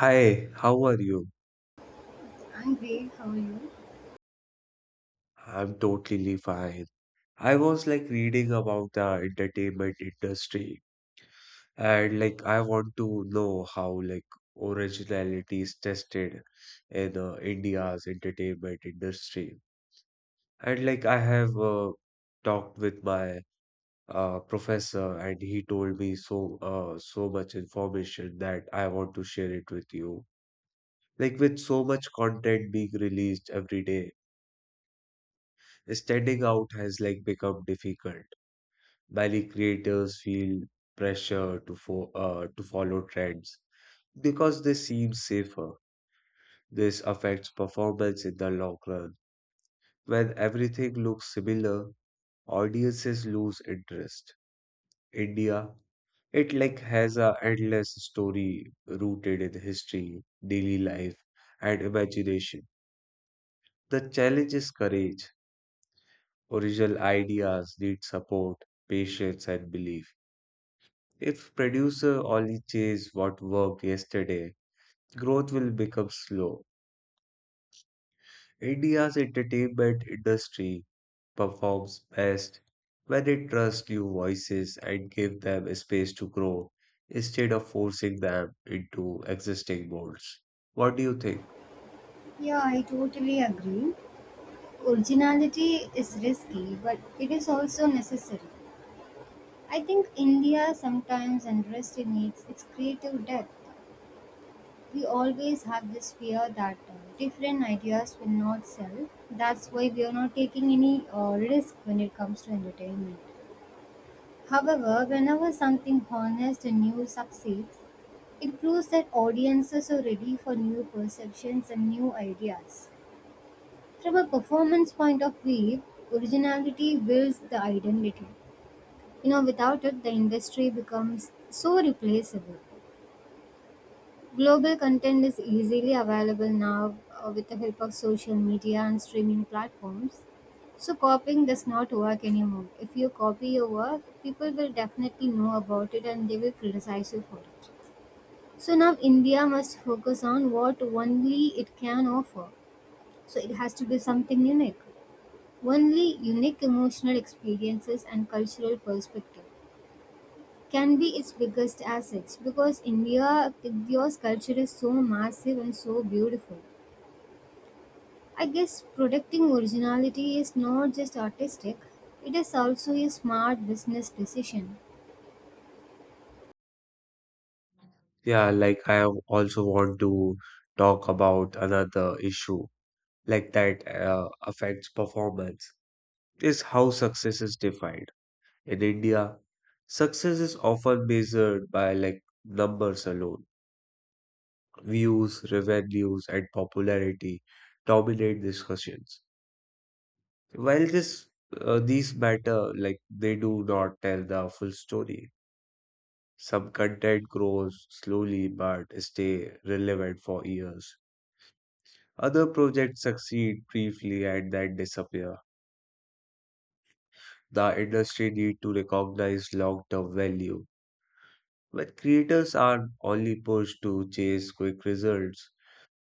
Hi, how are you? I'm great. How are you? I'm totally fine. I was like reading about the entertainment industry and like I want to know how like originality is tested in India's entertainment industry. And like I have talked with my professor and he told me so much information that I want to share it with you. Like with so much content being released every day, standing out has like become difficult. Many creators feel pressure to fo to follow trends because they seem safer. This affects performance in the long run. When everything looks similar, audiences lose interest. India, it like has a endless story rooted in history, daily life, and imagination. The challenge is courage. Original ideas need support, patience, and belief. If producer only chase what worked yesterday, growth will become slow. India's entertainment industry performs best when it trusts new voices and gives them a space to grow instead of forcing them into existing molds. What do you think? Yeah, I totally agree. Originality is risky, but it is also necessary. I think India sometimes underestimates its creative depth. We always have this fear that different ideas will not sell. That's why we are not taking any risk when it comes to entertainment. However, whenever something honest and new succeeds, it proves that audiences are ready for new perceptions and new ideas. From a performance point of view, originality builds the identity. You know, without it, the industry becomes so replaceable. Global content is easily available now with the help of social media and streaming platforms. So copying does not work anymore. If you copy your work, people will definitely know about it and they will criticize you for it. So now India must focus on what only it can offer. So it has to be something unique. Only unique emotional experiences and cultural perspective can be its biggest assets because India's culture is so massive and so beautiful. I guess protecting originality is not just artistic, it is also a smart business decision. Yeah, like I have also want to talk about another issue like that affects performance is how success is defined. In India, success is often measured by like numbers alone. Views, revenues, and popularity dominate discussions. While this these matter, like they do not tell the full story. Some content grows slowly but stay relevant for years. Other projects succeed briefly and then disappear. The industry need to recognize long-term value, but creators are only pushed to chase quick results.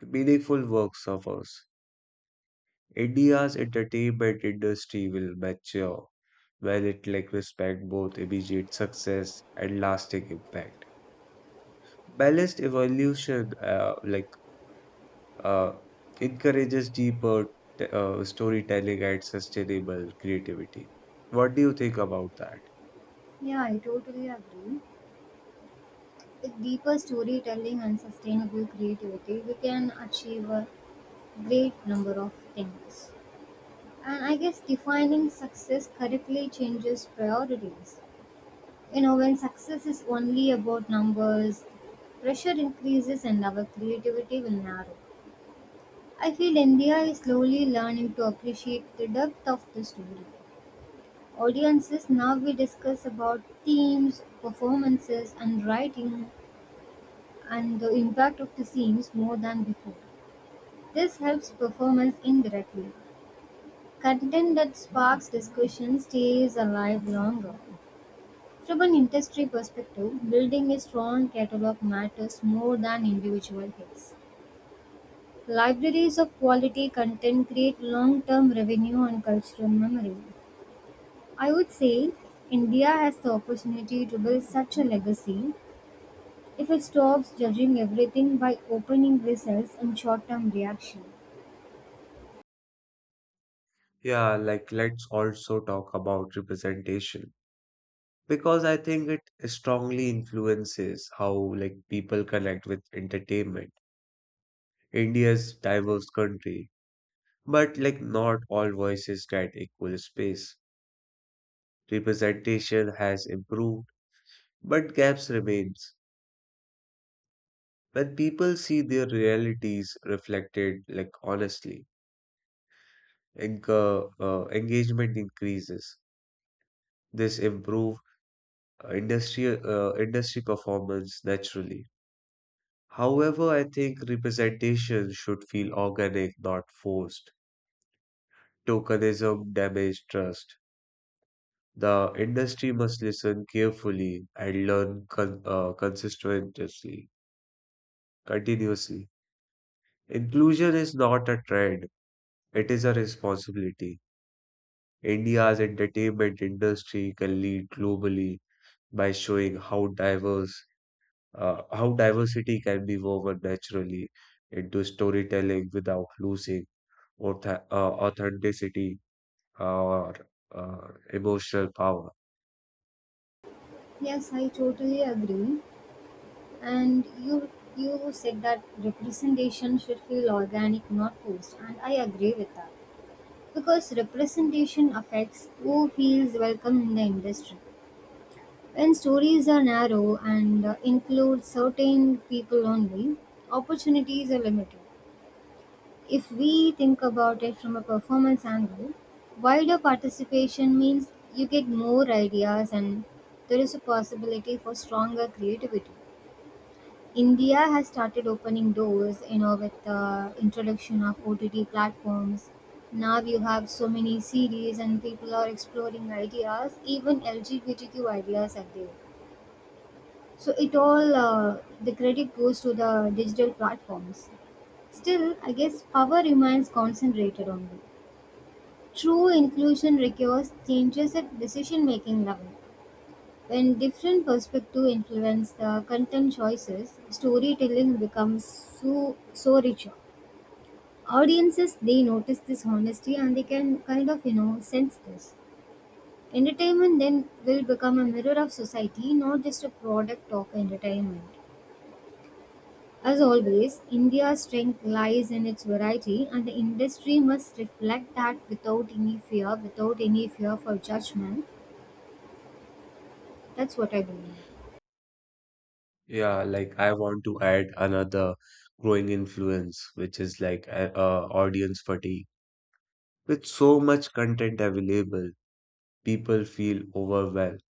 Meaningful work suffers. India's entertainment industry will mature when it like respect both immediate success and lasting impact. Balanced evolution uh, encourages deeper storytelling and sustainable creativity. What do you think about that? Yeah, I totally agree. With deeper storytelling and sustainable creativity, we can achieve a great number of things. And I guess defining success correctly changes priorities. You know, when success is only about numbers, pressure increases and our creativity will narrow. I feel India is slowly learning to appreciate the depth of the story. Audiences now we discuss about themes, performances, and writing and the impact of the scenes more than before. This helps performance indirectly. Content that sparks discussion stays alive longer. From an industry perspective, building a strong catalog matters more than individual hits. Libraries of quality content create long term revenue and cultural memory. I would say India has the opportunity to build such a legacy if it stops judging everything by opening results and short term reaction. Yeah, like let's also talk about representation, because I think it strongly influences how like people connect with entertainment. India's diverse country, but like not all voices get equal space. Representation has improved, but gaps remains. When people see their realities reflected like honestly, engagement increases. This improve industry industry performance naturally. However, I think representation should feel organic, not forced. Tokenism damages trust. The industry must listen carefully and learn continuously. Inclusion is not a trend, it is a responsibility. India's entertainment industry can lead globally by showing how diversity can be woven naturally into storytelling without losing authenticity or emotional power. Yes, I totally agree. And you said that representation should feel organic, not forced, and I agree with that. Because representation affects who feels welcome in the industry. When stories are narrow and include certain people only, opportunities are limited. If we think about it from a performance angle, wider participation means you get more ideas and there is a possibility for stronger creativity. India has started opening doors, you know, with the introduction of OTT platforms. Now you have so many series and people are exploring ideas, even LGBTQ ideas are there. So it all, the credit goes to the digital platforms. Still, I guess power remains concentrated only. True inclusion requires changes at decision making level. When different perspectives influence the content choices, storytelling becomes so richer. Audiences they notice this honesty and they can kind of sense this. Entertainment then will become a mirror of society, not just a product of entertainment. As always, India's strength lies in its variety, and the industry must reflect that without any fear, without any fear for judgment. That's what I believe. Yeah, like I want to add another growing influence, which is like audience fatigue. With so much content available, people feel overwhelmed.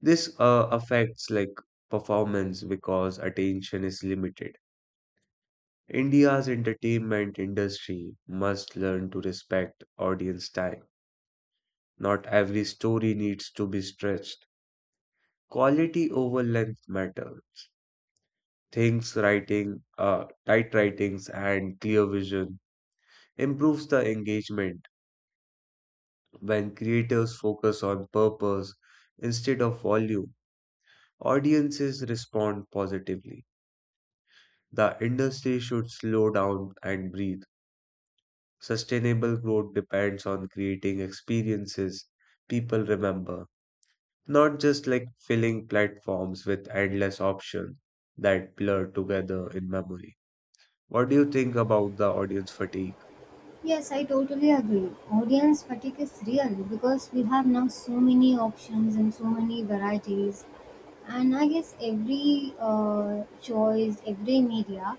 This affects like performance because attention is limited. India's entertainment industry must learn to respect audience time. Not every story needs to be stretched. Quality over length matter. Things writing, tight writings and clear vision improves the engagement when creators focus on purpose instead of volume. Audiences respond positively. The industry should slow down and breathe. Sustainable growth depends on creating experiences people remember, not just like filling platforms with endless options that blur together in memory. What do you think about the audience fatigue? Yes, I totally agree. Audience fatigue is real because we have now so many options and so many varieties. And I guess every choice, every media,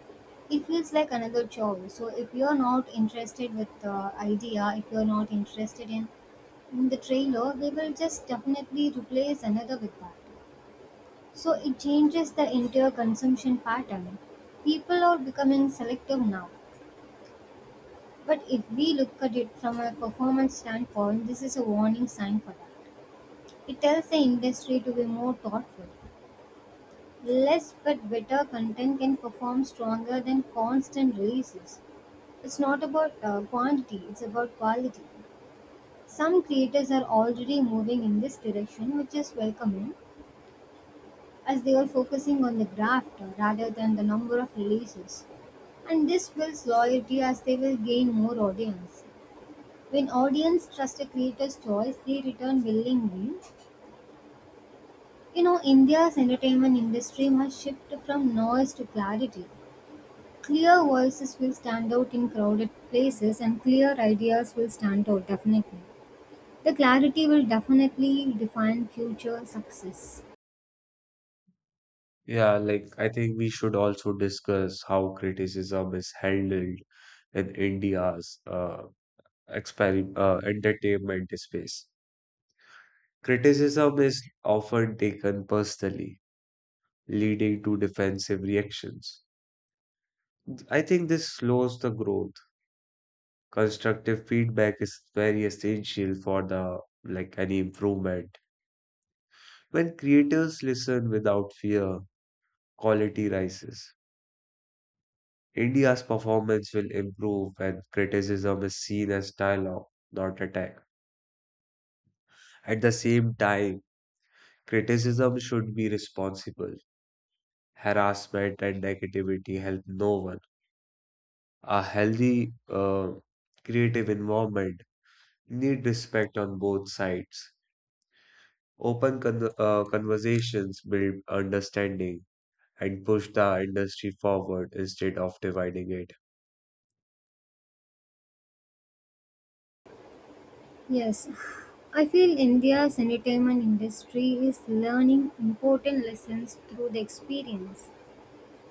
it feels like another choice. So if you're not interested with the idea, if you're not interested in the trailer, they will just definitely replace another with that. So it changes the entire consumption pattern. People are becoming selective now, but if we look at it from a performance standpoint, this is a warning sign for that. It tells the industry to be more thoughtful. Less but better content can perform stronger than constant releases. It's not about quantity, it's about quality. Some creators are already moving in this direction, which is welcoming, as they are focusing on the graft rather than the number of releases. And this builds loyalty as they will gain more audience. When audience trust a creator's choice, they return willingly. You know, India's entertainment industry must shift from noise to clarity. Clear voices will stand out in crowded places, and clear ideas will stand out definitely. The clarity will definitely define future success. Yeah, like I think we should also discuss how criticism is handled in India's entertainment space. Criticism is often taken personally, leading to defensive reactions. I think this slows the growth. Constructive feedback is very essential for the like any improvement. When creators listen without fear, quality rises. India's performance will improve when criticism is seen as dialogue, not attack. At the same time, criticism should be responsible. Harassment and negativity help no one. A healthy, creative environment need respect on both sides. Open conversations build understanding and push the industry forward instead of dividing it. Yes, I feel India's entertainment industry is learning important lessons through the experience.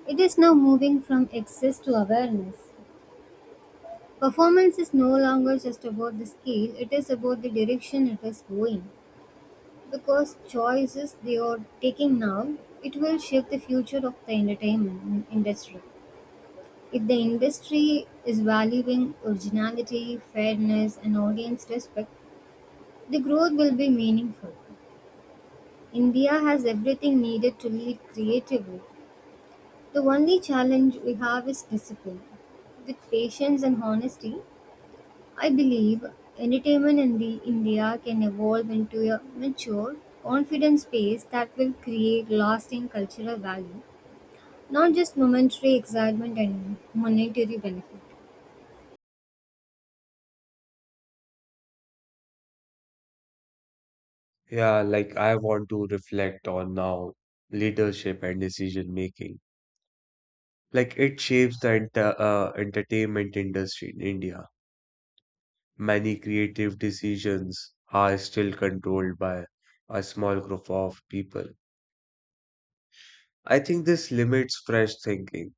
It is now moving from excess to awareness. Performance is no longer just about the scale, it is about the direction it is going. Because choices they are taking now, it will shape the future of the entertainment industry. If the industry is valuing originality, fairness, and audience respect, the growth will be meaningful. India has everything needed to lead creatively. The only challenge we have is discipline. With patience and honesty, I believe entertainment in the India can evolve into a mature, confident space that will create lasting cultural value, not just momentary excitement and monetary benefit. Yeah, like I want to reflect on now leadership and decision making. Like it shapes the entertainment industry in India. Many creative decisions are still controlled by a small group of people. I think this limits fresh thinking.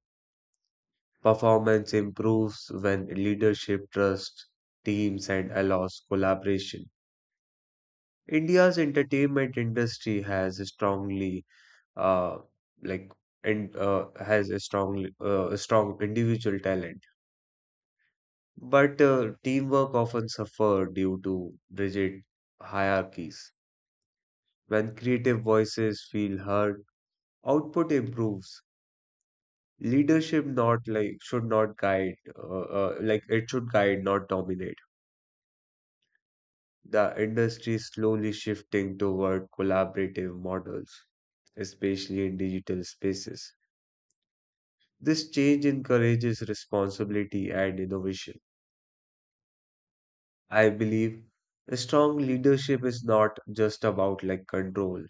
Performance improves when leadership trusts teams and allows collaboration. India's entertainment industry has strongly uh, like and has a strong individual talent, but teamwork often suffer due to rigid hierarchies. When creative voices feel heard, output improves. Leadership not like should not guide like it should guide, not dominate. The industry is slowly shifting toward collaborative models, especially in digital spaces. This change encourages responsibility and innovation. I believe strong leadership is not just about like control.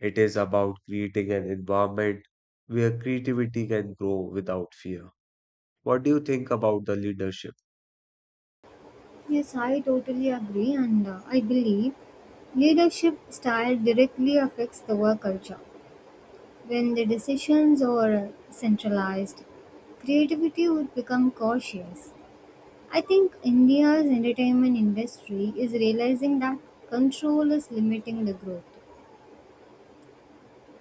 It is about creating an environment where creativity can grow without fear. What do you think about the leadership? Yes, I totally agree, and I believe leadership style directly affects the work culture. When the decisions are centralized, creativity would become cautious. I think India's entertainment industry is realizing that control is limiting the growth.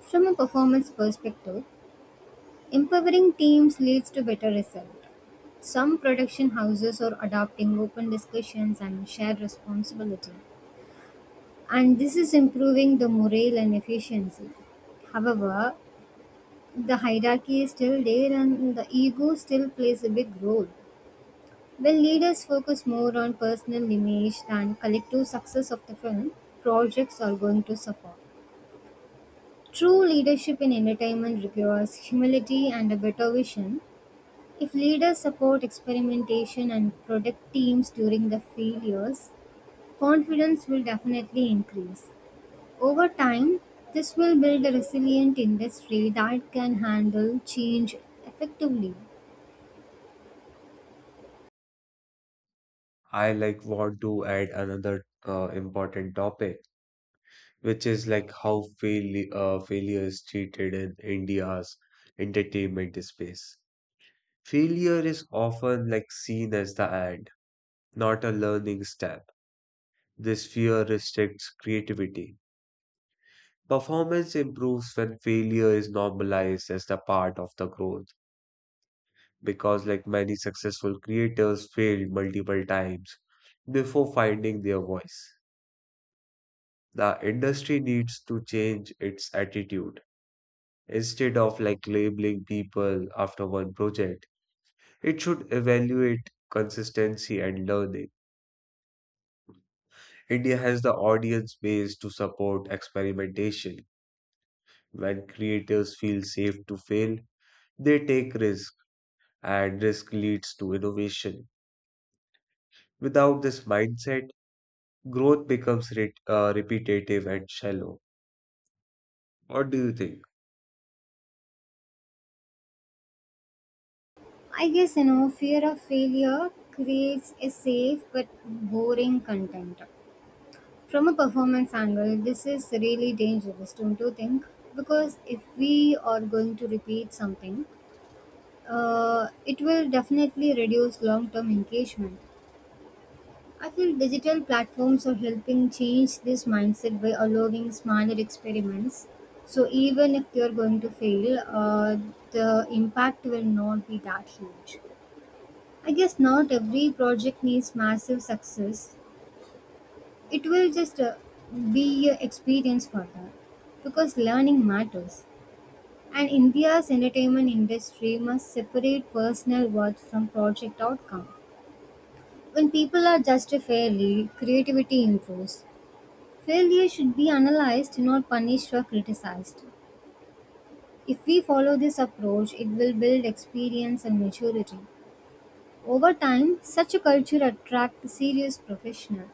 From a performance perspective, empowering teams leads to better result. Some production houses are adopting open discussions and shared responsibility, and this is improving the morale and efficiency. However, the hierarchy is still there and the ego still plays a big role. While leaders focus more on personal image than collective success of the film, projects are going to suffer. True leadership in entertainment requires humility and a better vision. If leaders support experimentation and protect teams during the failures, confidence will definitely increase. Over time, this will build a resilient industry that can handle change effectively. I like want to add another important topic, which is like how failure is treated in India's entertainment space. Failure is often like seen as the end, not a learning step. This fear restricts creativity. Performance improves when failure is normalized as the part of the growth because like many successful creators failed multiple times before finding their voice. The industry needs to change its attitude. Instead of like labeling people after one project, it should evaluate consistency and learning. India has the audience base to support experimentation. When creators feel safe to fail, they take risks and risk leads to innovation. Without this mindset, growth becomes repetitive and shallow. What do you think? I guess, you know, fear of failure creates a safe but boring content. From a performance angle, this is really dangerous, don't you think? Because if we are going to repeat something, it will definitely reduce long-term engagement. I feel digital platforms are helping change this mindset by allowing smaller experiments. So even if they are going to fail, the impact will not be that huge. I guess not every project needs massive success. It will just be a experience for her, because learning matters. And India's entertainment industry must separate personal worth from project outcome. When people are judged fairly, creativity improves. Failure should be analyzed, not punished or criticized. If we follow this approach, it will build experience and maturity. Over time, such a culture attracts serious professionals.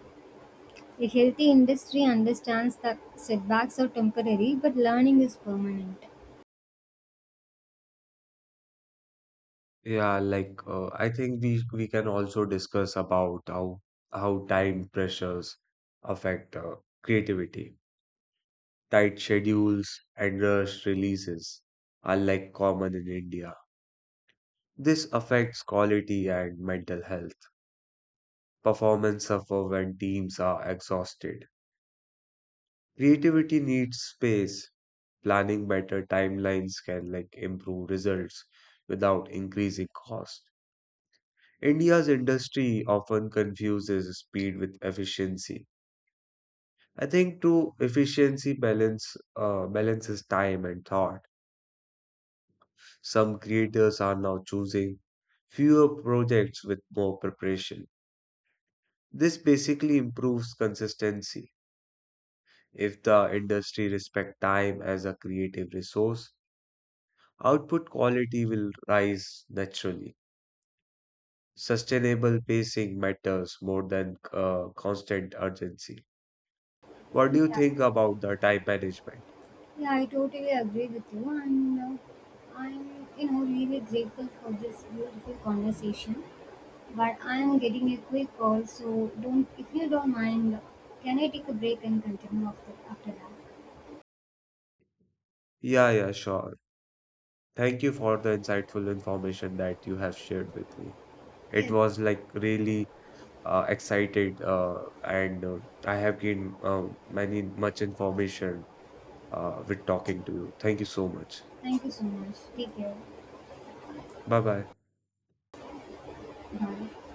A healthy industry understands that setbacks are temporary, but learning is permanent. Yeah, like I think we can also discuss about how time pressures affect creativity. Tight schedules and rushed releases are like common in India. This affects quality and mental health. Performance suffer when teams are exhausted. Creativity needs space. Planning better timelines can like improve results without increasing cost. India's industry often confuses speed with efficiency. I think true efficiency balance balances time and thought. Some creators are now choosing fewer projects with more preparation. This basically improves consistency. If the industry respect time as a creative resource, output quality will rise naturally. Sustainable pacing matters more than constant urgency. What do you Yeah. think about the time management? Yeah, I totally agree with you, and I'm, you know, really grateful for this beautiful conversation. But I'm getting a quick call, so don't, if you don't mind, can I take a break and continue after that? Yeah, yeah, sure. Thank you for the insightful information that you have shared with me. It Yes. was like really excited, and I have gained many much information with talking to you. Thank you so much. Thank you so much. Take care. Bye bye. Bye.